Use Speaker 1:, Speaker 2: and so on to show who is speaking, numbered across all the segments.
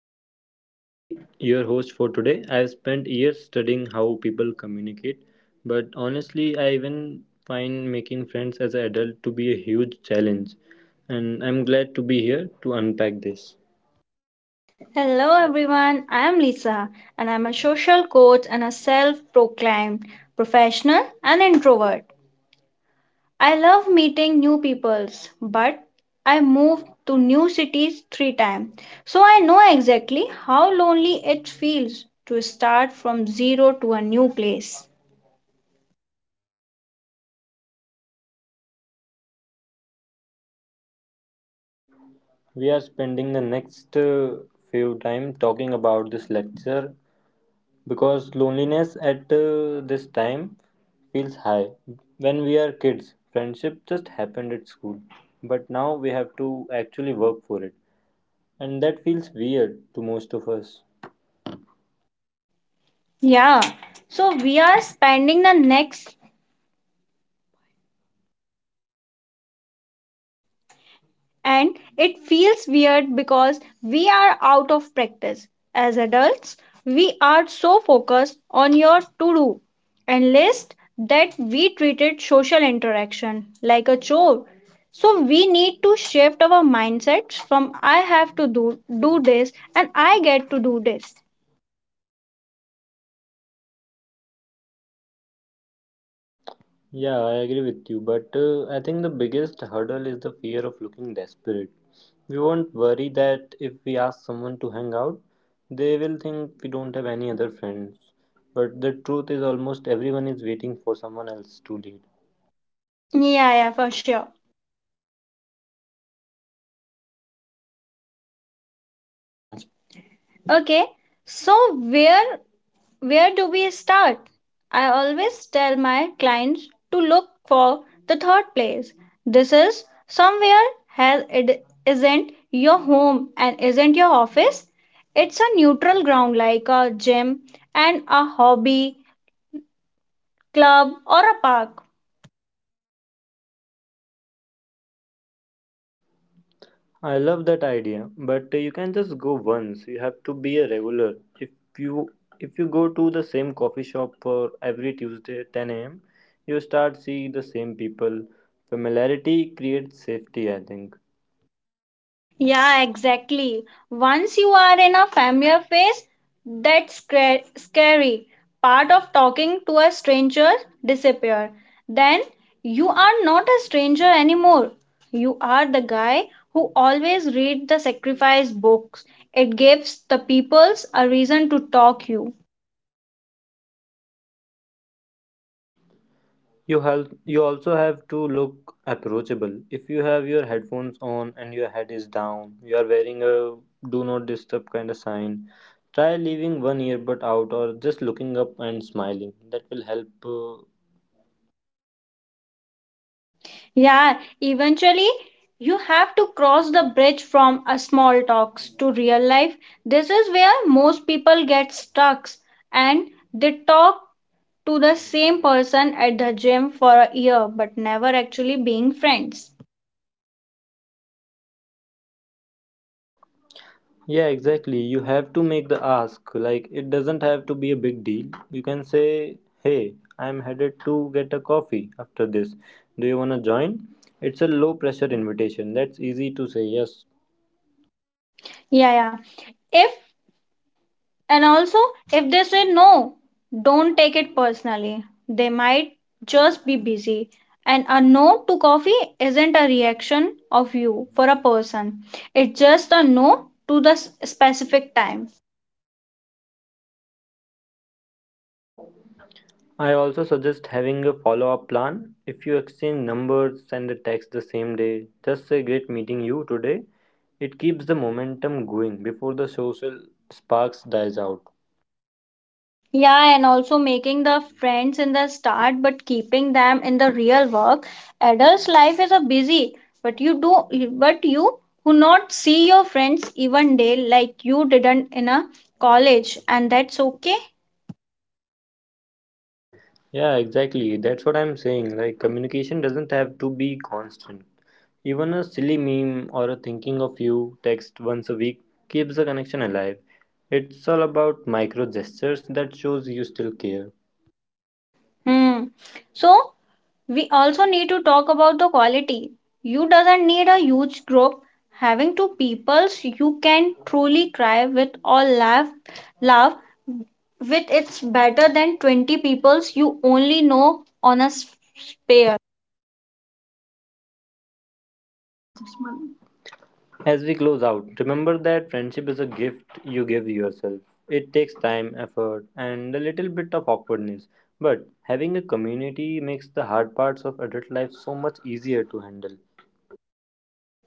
Speaker 1: everyone, I am Henry, your host for today. I have spent years studying how people communicate, but honestly, I even find making friends as an adult to be a huge challenge, and I'm glad to be here to unpack this.
Speaker 2: Hello everyone, I am Lisa and I'm a social coach and a self proclaimed professional and introvert. I love meeting new peoples, but I moved to new cities 3 times, so I know exactly how lonely it feels to start from zero to a new place.
Speaker 1: We are spending the next few time talking about this lecture because loneliness at this time feels high. When we are kids, friendship just happened at school, but now we have to actually work for it. And that feels weird to most of us.
Speaker 2: Yeah, so we are spending the next and it feels weird because we are out of practice. As adults, we are so focused on your to do and list that we treated social interaction like a chore. So we need to shift our mindsets from I have to do this and I get to do this.
Speaker 1: Yeah, I agree with you, but I think the biggest hurdle is the fear of looking desperate. We won't worry that if we ask someone to hang out, they will think we don't have any other friends. But the truth is, almost everyone is waiting for someone else to lead.
Speaker 2: Yeah, yeah, for sure. Okay. So where Where do we start? I always tell my clients to look for the third place. This is somewhere has it isn't your home and isn't your office. It's a neutral ground like a gym and a hobby, club or a park.
Speaker 1: I love that idea, but you can just go once. You have to be a regular. If you if you go to the same coffee shop for every Tuesday at 10 a.m., you start seeing the same people. Familiarity creates safety, I think.
Speaker 2: Yeah, exactly. Once you are in a familiar face, that's scary. Part of talking to a stranger disappear. Then you are not a stranger anymore. You are the guy who always read the sacrifice books. It gives the peoples a reason to talk you.
Speaker 1: You also have to look approachable. If you have your headphones on and your head is down, you are wearing a do not disturb kind of sign. Try leaving one earbud out or just looking up and smiling. That will help
Speaker 2: Yeah, eventually you have to cross the bridge from a small talks to real life. This is where most people get stuck and they talk to the same person at the gym for a year but never actually being friends.
Speaker 1: Yeah, exactly. You have to make the ask. Like, it doesn't have to be a big deal. You can say, "Hey, I'm headed to get a coffee after this. Do you want to join?" It's a low pressure invitation. That's easy to say yes.
Speaker 2: Yeah, yeah. If And also, if they say no, don't take it personally. They might just be busy. And a no to coffee isn't a reaction of you for a person, it's just a no to the specific time.
Speaker 1: I also suggest having a follow up plan. If you exchange numbers, send a text the same day. Just say, "Great meeting you today." It keeps the momentum going before the social sparks dies out.
Speaker 2: Yeah, and also making the friends in the start but keeping them in the real work. Adults' life is a busy, but you who not see your friends even day like you didn't in a college, and that's okay.
Speaker 1: Yeah, exactly. That's what I'm saying. Like communication doesn't have to be constant. Even a silly meme or a thinking of you text once a week keeps the connection alive. It's all about micro gestures that shows you still care.
Speaker 2: Hmm. So we also need to talk about the quality. You doesn't need a huge group. Having two peoples you can truly cry with or laugh with it's better than 20 peoples you only know on a spare.
Speaker 1: As we close out, remember that friendship is a gift you give yourself. It takes time, effort, and a little bit of awkwardness. But having a community makes the hard parts of adult life so much easier to handle.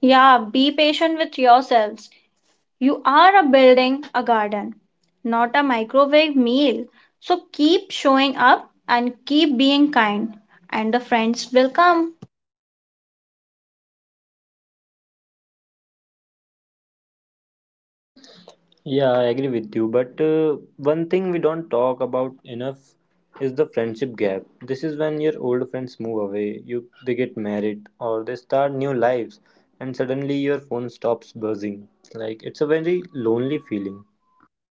Speaker 2: Yeah, be patient with yourselves. You are a building a garden, not a microwave meal. So keep showing up and keep being kind and the friends will come.
Speaker 1: Yeah, I agree with you. But one thing we don't talk about enough is the friendship gap. This is when your old friends move away, you they get married or they start new lives, and suddenly your phone stops buzzing. Like it's a very lonely feeling.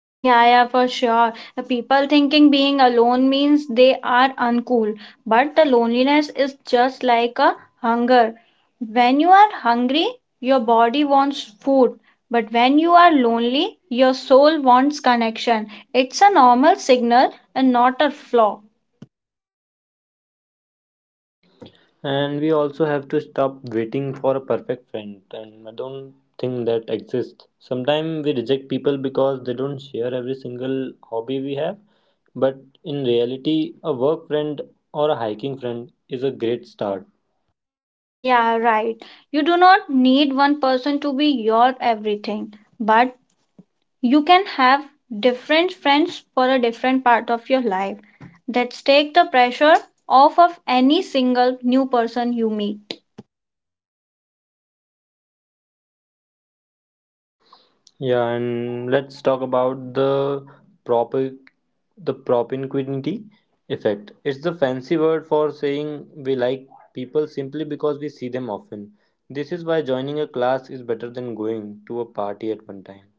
Speaker 2: Yeah, yeah, for sure. The people thinking being alone means they are uncool, but the loneliness is just like a hunger. When you are hungry, your body wants food, but when you are lonely, your soul wants connection. It's a normal signal and not a flaw.
Speaker 1: And we also have to stop waiting for a perfect friend, and I don't think that exists. Sometimes we reject people because they don't share every single hobby we have. But in reality, a work friend or a hiking friend is a great start.
Speaker 2: Yeah, right. You do not need one person to be your everything, but you can have different friends for a different part of your life. That take the pressure off of any single new person you meet.
Speaker 1: Yeah, and let's talk about proper the propinquity effect. It's the fancy word for saying we like people simply because we see them often. This is why joining a class is better than going to a party at one time.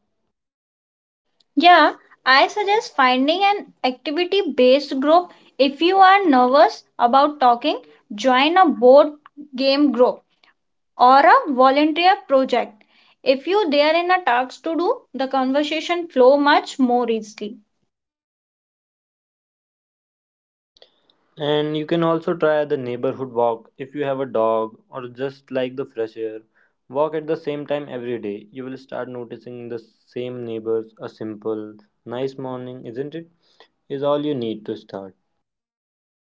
Speaker 2: Yeah, I suggest finding an activity based group if you are nervous about talking, join a board game group or a volunteer project. If you there in a task to do, the conversation flow much more easily.
Speaker 1: And you can also try the neighborhood walk if you have a dog or just like the fresh air. Walk at the same time every day. You will start noticing the same neighbors. A simple, "Nice morning, isn't it?" Is all you need to start.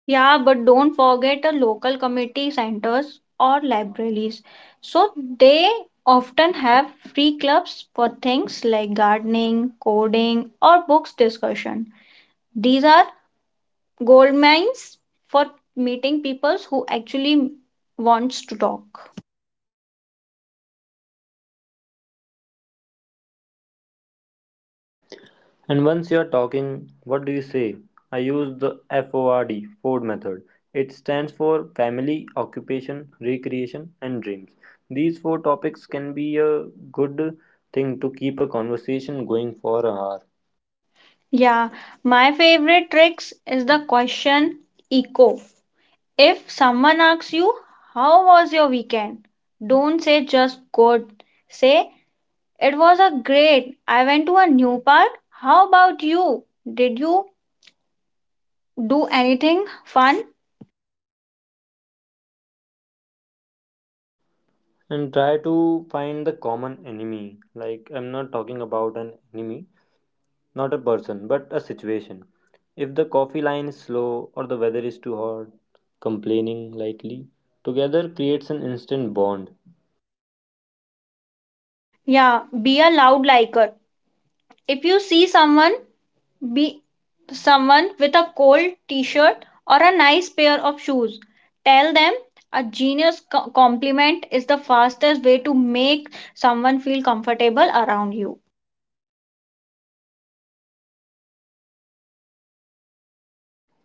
Speaker 2: Yeah, but don't forget the local committee centers or libraries. So they often have free clubs for things like gardening, coding, or books discussion. These are gold mines for meeting people who actually wants to talk.
Speaker 1: And once you're talking, what do you say? I use the FORD, Ford method. It stands for family, occupation, recreation, and dreams. These four topics can be a good thing to keep a conversation going for an hour.
Speaker 2: Yeah, my favorite tricks is the question echo. If someone asks you how was your weekend, don't say just good. Say it was a great. I went to a new park. How about you? Did you do anything fun?
Speaker 1: And try to find the common enemy. Like, I'm not talking about an enemy, not a person, but a situation. If the coffee line is slow or the weather is too hot, complaining likely together creates an instant bond.
Speaker 2: Yeah, be a loud liker. If you see someone, be someone with a cold t-shirt or a nice pair of shoes, tell them a genius compliment is the fastest way to make someone feel comfortable around you.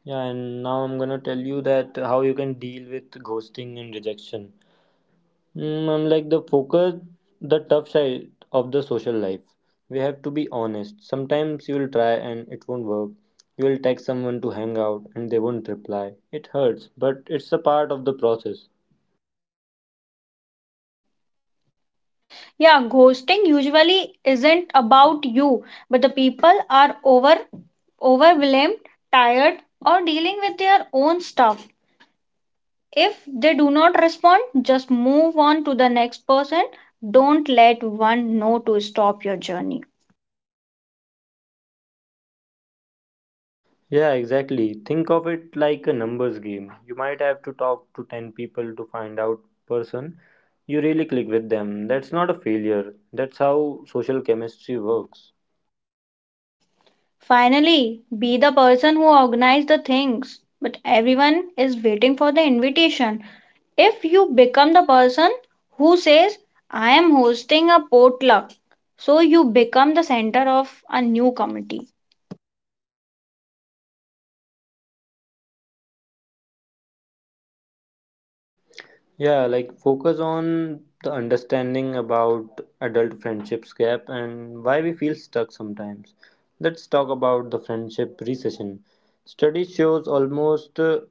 Speaker 1: Yeah, and now I'm gonna tell you that how you can deal with ghosting and rejection. I'm like the focus, the tough side of the social life. We have to be honest. Sometimes you will try and it won't work. You will text someone to hang out and they won't reply. It hurts, but it's a part of the process.
Speaker 2: Yeah, ghosting usually isn't about you, but the people are overwhelmed, tired, or dealing with their own stuff. If they do not respond, just move on to the next person. Don't let one know to stop your journey.
Speaker 1: Yeah, exactly. Think of it like a numbers game. You might have to talk to 10 people to find out person you really click with them. That's not a failure. That's how social chemistry works.
Speaker 2: Finally, be the person who organized the things. But everyone is waiting for the invitation. If you become the person who says, I am hosting a potluck, so you become the center of a new committee.
Speaker 1: Yeah, like focus on the understanding about adult friendships gap and why we feel stuck sometimes. Let's talk about the friendship recession. Study shows almost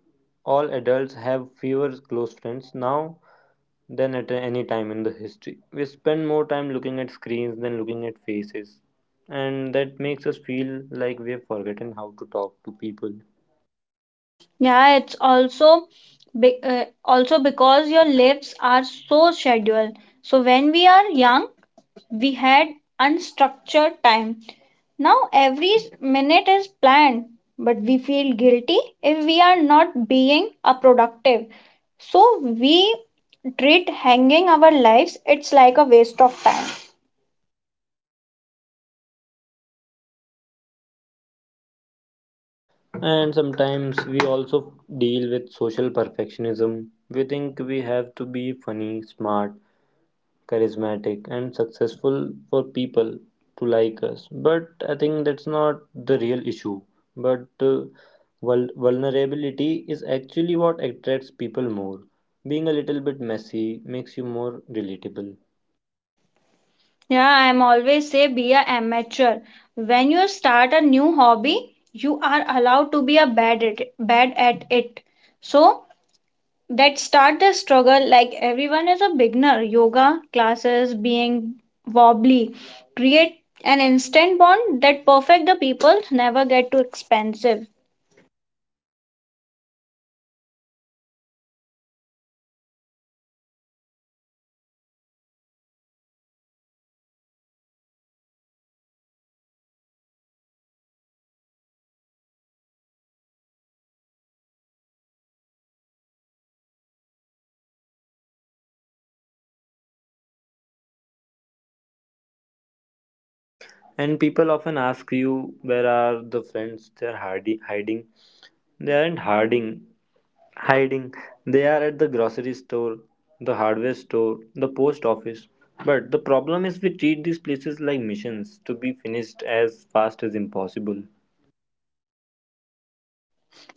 Speaker 1: all adults have fewer close friends now than at any time in the history. We spend more time looking at screens than looking at faces, and that makes us feel like we have forgotten how to talk to people.
Speaker 2: Yeah, it's also be, also because your lives are so scheduled. So when we are young, we had unstructured time. Now every minute is planned, but we feel guilty if we are not being a productive. So we treat hanging our lives it's like a waste of time.
Speaker 1: And sometimes we also deal with social perfectionism. We think we have to be funny, smart, charismatic, and successful for people to like us. But I think that's not the real issue. But vulnerability is actually what attracts people more. Being a little bit messy makes you more relatable.
Speaker 2: Yeah, I'm always say be a amateur. When you start a new hobby, you are allowed to be a bad at it. So that start the struggle like everyone is a beginner. Yoga classes being wobbly create an instant bond that perfect the people never get too expensive.
Speaker 1: And people often ask you, where are the friends they're hiding? Hiding? They aren't hiding, hiding. They are at the grocery store, the hardware store, the post office. But the problem is we treat these places like missions to be finished as fast as impossible.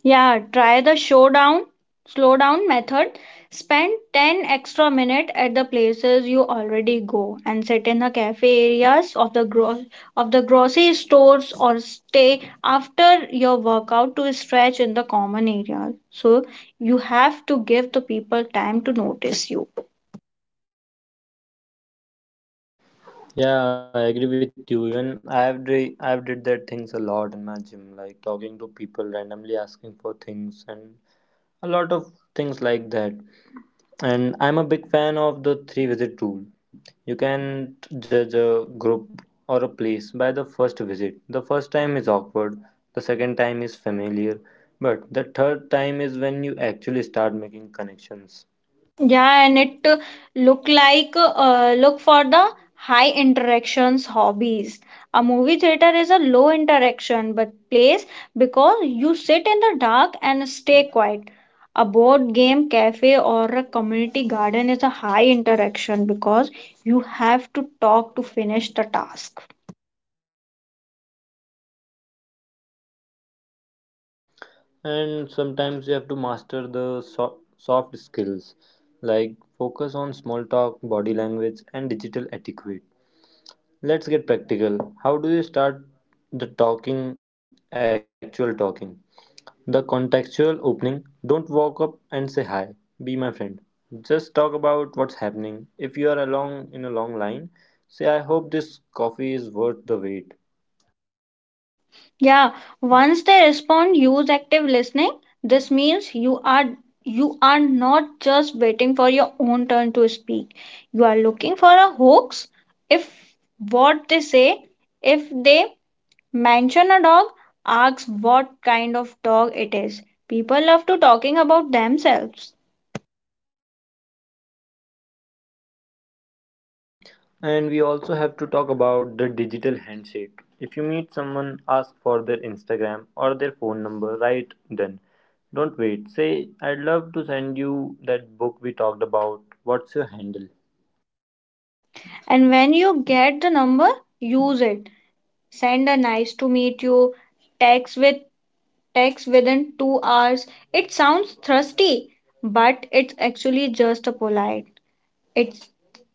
Speaker 2: Yeah, try the slow down method. Spend 10 extra minutes at the places you already go and sit in the cafe areas of the of the grocery stores or stay after your workout to stretch in the common area. So you have to give the people time to notice you.
Speaker 1: Yeah, I agree with you. Even I've did that things a lot in my gym, like talking to people randomly asking for things and a lot of things like that. And I'm a big fan of the three visit rule. You can't judge a group or a place by the first visit. The first time is awkward, the second time is familiar, but the third time is when you actually start making connections.
Speaker 2: Yeah, and it look like look for the high interactions hobbies. A movie theater is a low interaction but place because you sit in the dark and stay quiet. A board game cafe or a community garden is a high interaction because you have to talk to finish the task.
Speaker 1: And sometimes you have to master the soft skills like focus on small talk, body language, and digital etiquette. Let's get practical. How do you start the talking, actual talking? The contextual opening. Don't walk up and say, "Hi, be my friend." Just talk about what's happening. If you are along in a long line, say, "I hope this coffee is worth the wait."
Speaker 2: Yeah, once they respond, use active listening. This means you are not just waiting for your own turn to speak. You are looking for a hoax. If what they say, if they mention a dog, ask what kind of dog it is. People love to talking about themselves.
Speaker 1: And we also have to talk about the digital handshake. If you meet someone, ask for their Instagram or their phone number right then. Don't wait. Say, "I'd love to send you that book we talked about. What's your handle?"
Speaker 2: And when you get the number, use it. Send a nice to meet you, text with text within 2 hours. It sounds thirsty, but it's actually just a polite. It's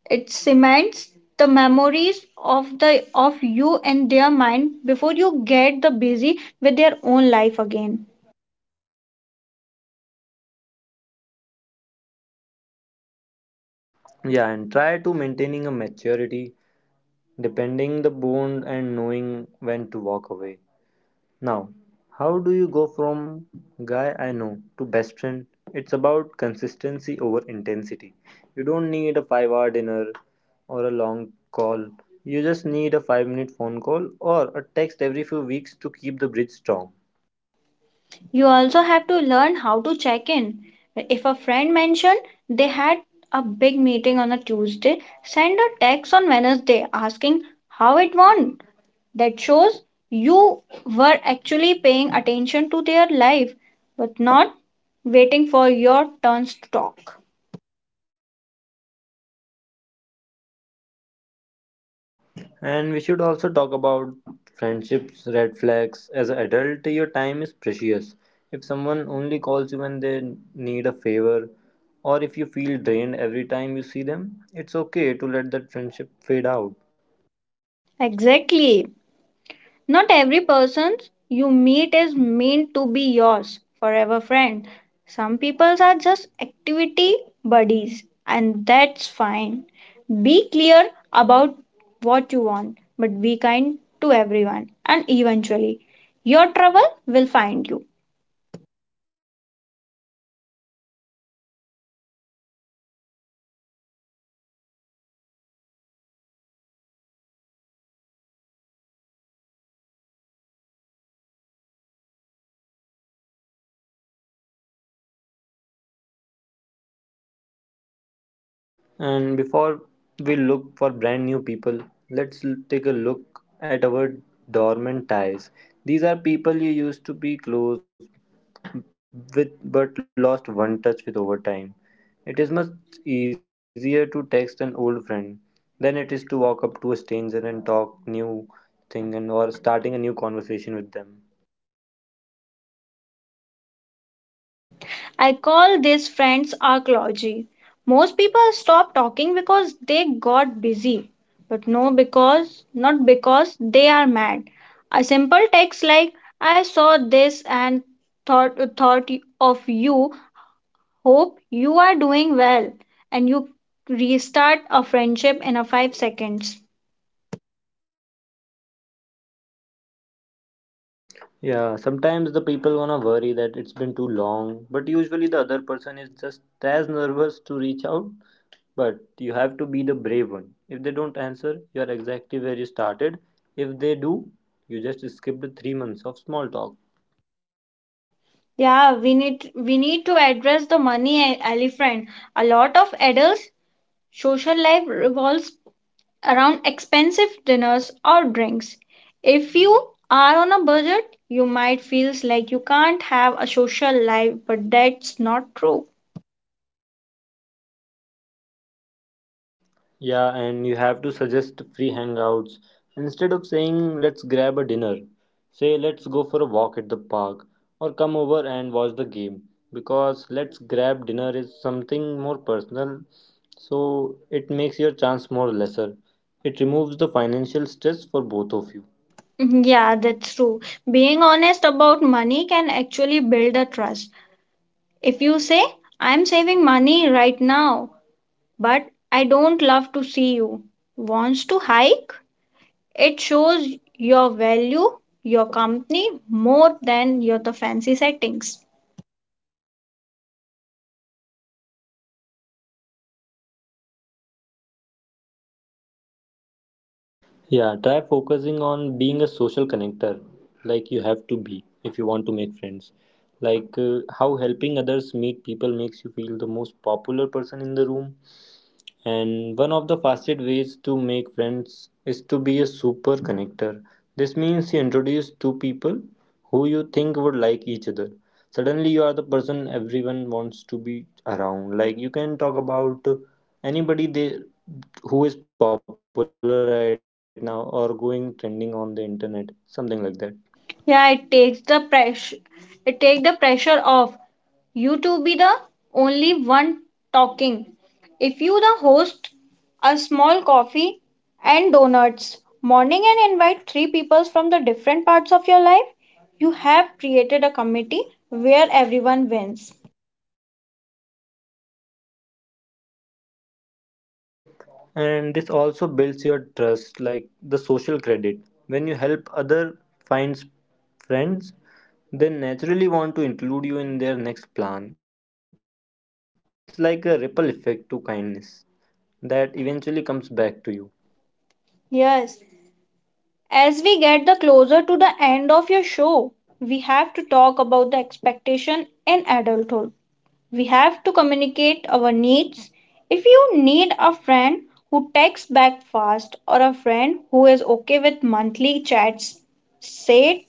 Speaker 2: it cements the memories of the of you in their mind before you get the busy with their own life again.
Speaker 1: Yeah, and try to maintaining a maturity depending the bond and knowing when to walk away. Now, how do you go from guy I know to best friend? It's about consistency over intensity. You don't need a 5-hour dinner or a long call. You just need a 5-minute phone call or a text every few weeks to keep the bridge strong.
Speaker 2: You also have to learn how to check in if a friend mentioned they had a big meeting on a Tuesday, send a text on Wednesday asking how it went. That shows you were actually paying attention to their life but not waiting for your turns to talk.
Speaker 1: And we should also talk about friendships, red flags. As an adult, your time is precious. If someone only calls you when they need a favor, or if you feel drained every time you see them, it's okay to let that friendship fade out.
Speaker 2: Exactly. Not every person you meet is meant to be yours forever friend. Some people are just activity buddies and that's fine. Be clear about what you want but be kind to everyone and eventually your trouble will find you.
Speaker 1: And before we look for brand new people, take a look at our dormant ties. These are people you used to be close with but lost one touch with over time. It is much easier to text an old friend than it is to walk up to a stranger and talk new thing and or starting a new conversation with them.
Speaker 2: I call this friends archaeology. Most people stop talking because they got busy, but no, because not because they are mad. A simple text like "I saw this and thought of you. Hope you are doing well," and you restart a friendship in a 5 seconds.
Speaker 1: Yeah, sometimes the people wanna worry that it's been too long, but usually the other person is just as nervous to reach out. But you have to be the brave one. If they don't answer, you are exactly where you started. If they do, you just skipped 3 months of small talk.
Speaker 2: Yeah, we need to address the money elephant. A lot of adults' social life revolves around expensive dinners or drinks. If you are on a budget, you might feel like you can't have a social life, but that's not true.
Speaker 1: Yeah, and you have to suggest free hangouts. Instead of saying, "Let's grab a dinner," say, "Let's go for a walk at the park or come over and watch the game." Because let's grab dinner is something more personal, so it makes your chance more lesser. It removes the financial stress for both of you.
Speaker 2: Mm-hmm. Yeah, that's true. Being honest about money can actually build a trust. If you say, I'm saving money right now, but I don't love to see you, wants to hike, it shows your value, your company, more than your the fancy settings.
Speaker 1: Yeah, try focusing on being a social connector, like you have to be if you want to make friends. Like how helping others meet people makes you feel the most popular person in the room. And one of the fastest ways to make friends is to be a super connector. This means you introduce two people who you think would like each other. Suddenly, you are the person everyone wants to be around. Like, you can talk about anybody they, who is popular right now or going trending on the internet, something like that.
Speaker 2: Yeah, it take the pressure off you to be the only one talking. If you the host a small coffee and donuts morning and invite three people from the different parts of your life, you have created a committee where everyone wins.
Speaker 1: And this also builds your trust like the social credit when you help other finds friends. They naturally want to include you in their next plan. It's like a ripple effect to kindness that eventually comes back to you.
Speaker 2: Yes, as we get the closer to the end of your show, we have to talk about the expectation in adulthood. We have to communicate our needs. If you need a friend who texts back fast or a friend who is okay with monthly chats, say it.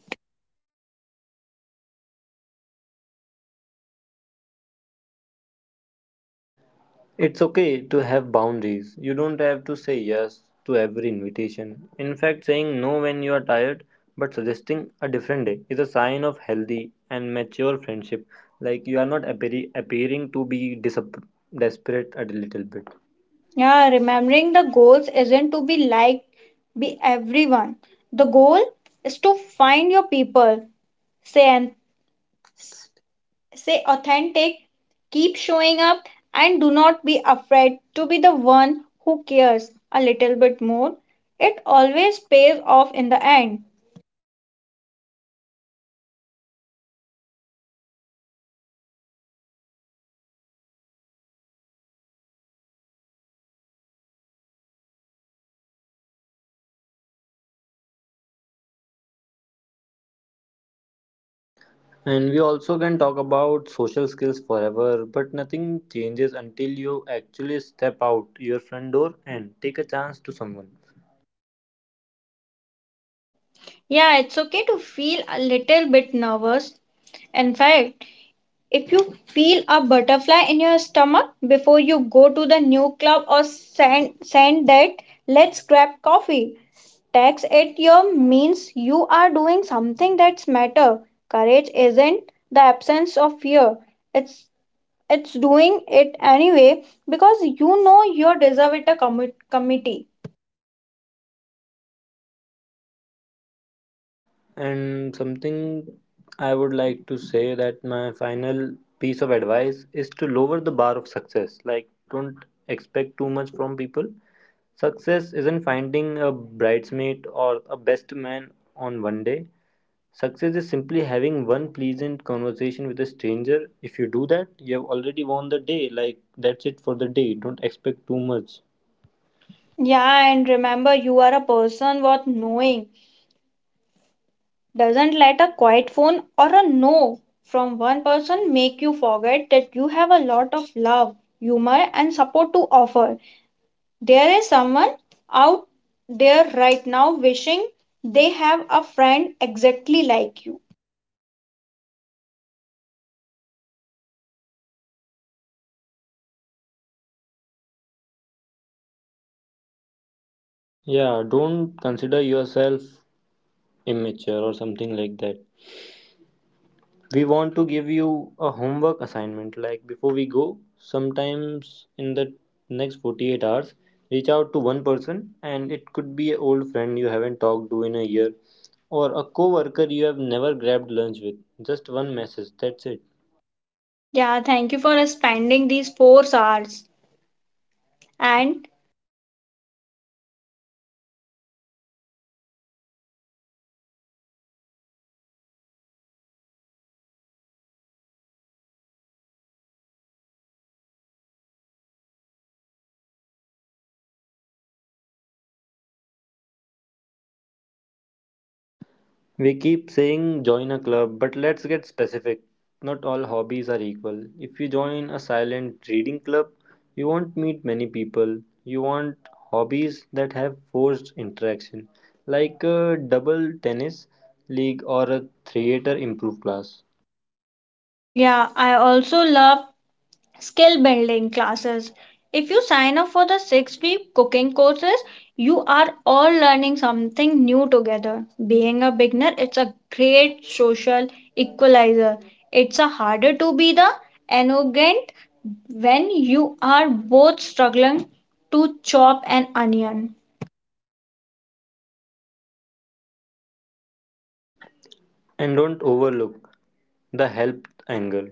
Speaker 1: It's okay to have boundaries. You don't have to say yes to every invitation. In fact, saying no when you are tired but suggesting a different day is a sign of healthy and mature friendship. Like, you are not appearing to be desperate a little bit.
Speaker 2: Yeah, remembering the goals isn't to be liked be everyone. The goal is to find your people. Say and say authentic, keep showing up and do not be afraid to be the one who cares a little bit more. It always pays off in the end.
Speaker 1: And we also can talk about social skills forever, but nothing changes until you actually step out your front door and take a chance to someone.
Speaker 2: Yeah, it's okay to feel a little bit nervous. In fact, if you feel a butterfly in your stomach before you go to the new club or send that let's grab coffee, text at your means you are doing something that's matter. Courage isn't the absence of fear. It's it's doing it anyway because you know you deserve it a committee.
Speaker 1: And something I would like to say that my final piece of advice is to lower the bar of success. Like, don't expect too much from people. Success isn't finding a bridesmaid or a best man on one day. Success is simply having one pleasant conversation with a stranger. If you do that, you have already won the day. Like, that's it for the day. Don't expect too much.
Speaker 2: Yeah, and remember you are a person worth knowing. Doesn't let a quiet phone or a no from one person make you forget that you have a lot of love, humor, and support to offer. There is someone out there right now wishing they have a friend exactly like you.
Speaker 1: Yeah, don't consider yourself immature or something like that. We want to give you a homework assignment, like before we go, sometimes in the next 48 hours reach out to one person. And it could be an old friend you haven't talked to in a year or a coworker you have never grabbed lunch with. Just one message, that's it.
Speaker 2: Yeah, thank you for spending these 4 hours. And
Speaker 1: We keep saying join a club, but let's get specific. Not all hobbies are equal. If you join a silent reading club, you won't meet many people. You want hobbies that have forced interaction, like a double tennis league or a theater improv class.
Speaker 2: yeah, I also love skill building classes. If you sign up for the 6 week cooking courses, you are all learning something new together. Being a beginner, it's a great social equalizer. It's a harder to be the arrogant when you are both struggling to chop an onion.
Speaker 1: And don't overlook the help angle.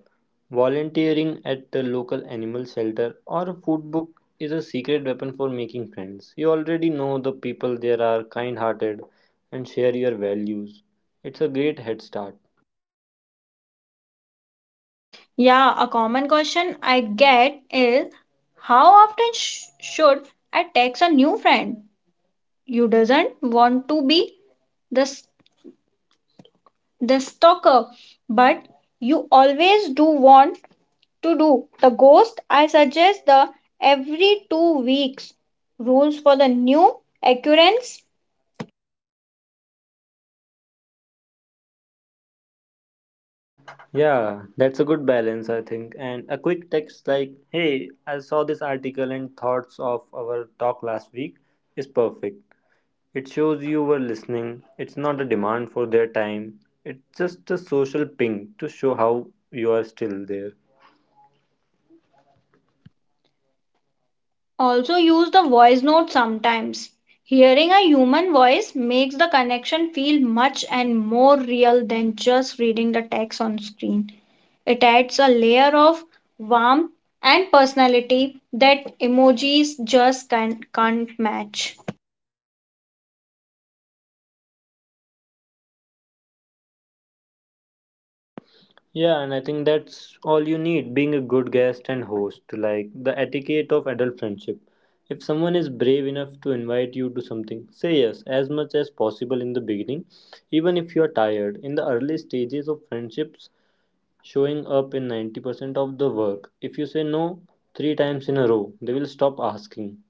Speaker 1: Volunteering at the local animal shelter or a food book is a secret weapon for making friends. You already know the people there are kind hearted and share your values. It's a great head start.
Speaker 2: Yeah, a common question I get is how often should I text a new friend? You doesn't want to be the stalker, but you always do want to do the ghost. I suggest the every 2 weeks rules for the new occurrence.
Speaker 1: Yeah, that's a good balance, I think. And a quick text like, hey, I saw this article and thoughts of our talk last week, is perfect. It shows you were listening. It's not a demand for their time. It's just a social ping to show how you are still there.
Speaker 2: Also, use the voice note sometimes. Hearing a human voice makes the connection feel much and more real than just reading the text on screen. It adds a layer of warmth and personality that emojis just can't match.
Speaker 1: Yeah, and I think that's all you need, being a good guest and host, like the etiquette of adult friendship. If someone is brave enough to invite you to something, say yes as much as possible in the beginning, even if you are tired. In the early stages of friendships, showing up in 90% of the work. If you say no three times in a row, they will stop asking.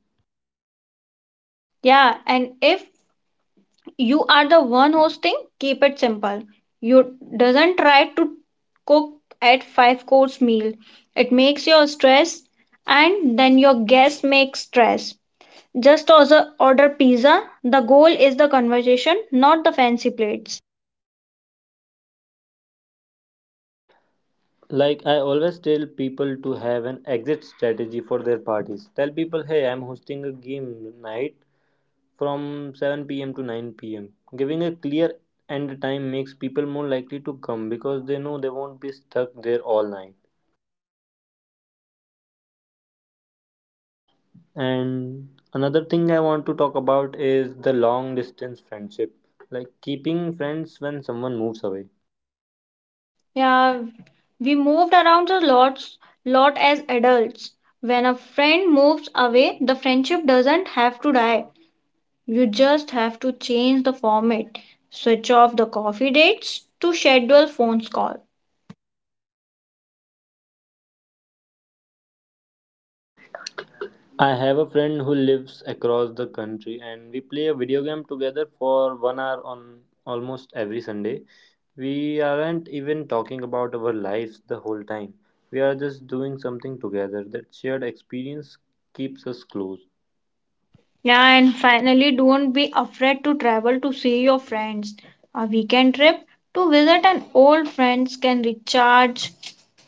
Speaker 2: Yeah, and if you are the one hosting, keep it simple. You doesn't try to cook at five course meal. It makes your stress and then your guests make stress. Just also order pizza. The goal is the conversation, not the fancy plates.
Speaker 1: Like, I always tell people to have an exit strategy for their parties. Tell people, hey, I'm hosting a game night from 7 p.m. to 9 pm. Giving a clear end time makes people more likely to come because they know they won't be stuck there all night. And another thing I want to talk about is the long distance friendship, like keeping friends when someone moves away.
Speaker 2: Yeah, we moved around a lot as adults. When a friend moves away, the friendship doesn't have to die. You just have to change the format, switch off the coffee dates to schedule phone call.
Speaker 1: I have a friend who lives across the country and we play a video game together for one hour on almost every Sunday. We aren't even talking about our lives the whole time. We are just doing something together. That shared experience keeps us close.
Speaker 2: Yeah, and finally, don't be afraid to travel to see your friends. A weekend trip to visit an old friends can recharge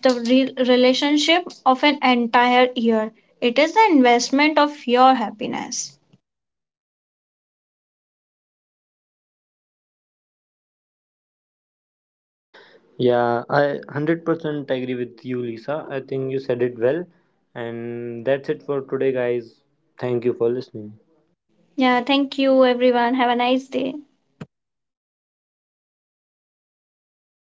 Speaker 2: the relationship of an entire year. It is the investment of your happiness.
Speaker 1: Yeah, I 100% agree with you, Lisa. I think you said it well. And that's it for today, guys. Thank you for listening.
Speaker 2: Yeah, thank you everyone. Have a nice day.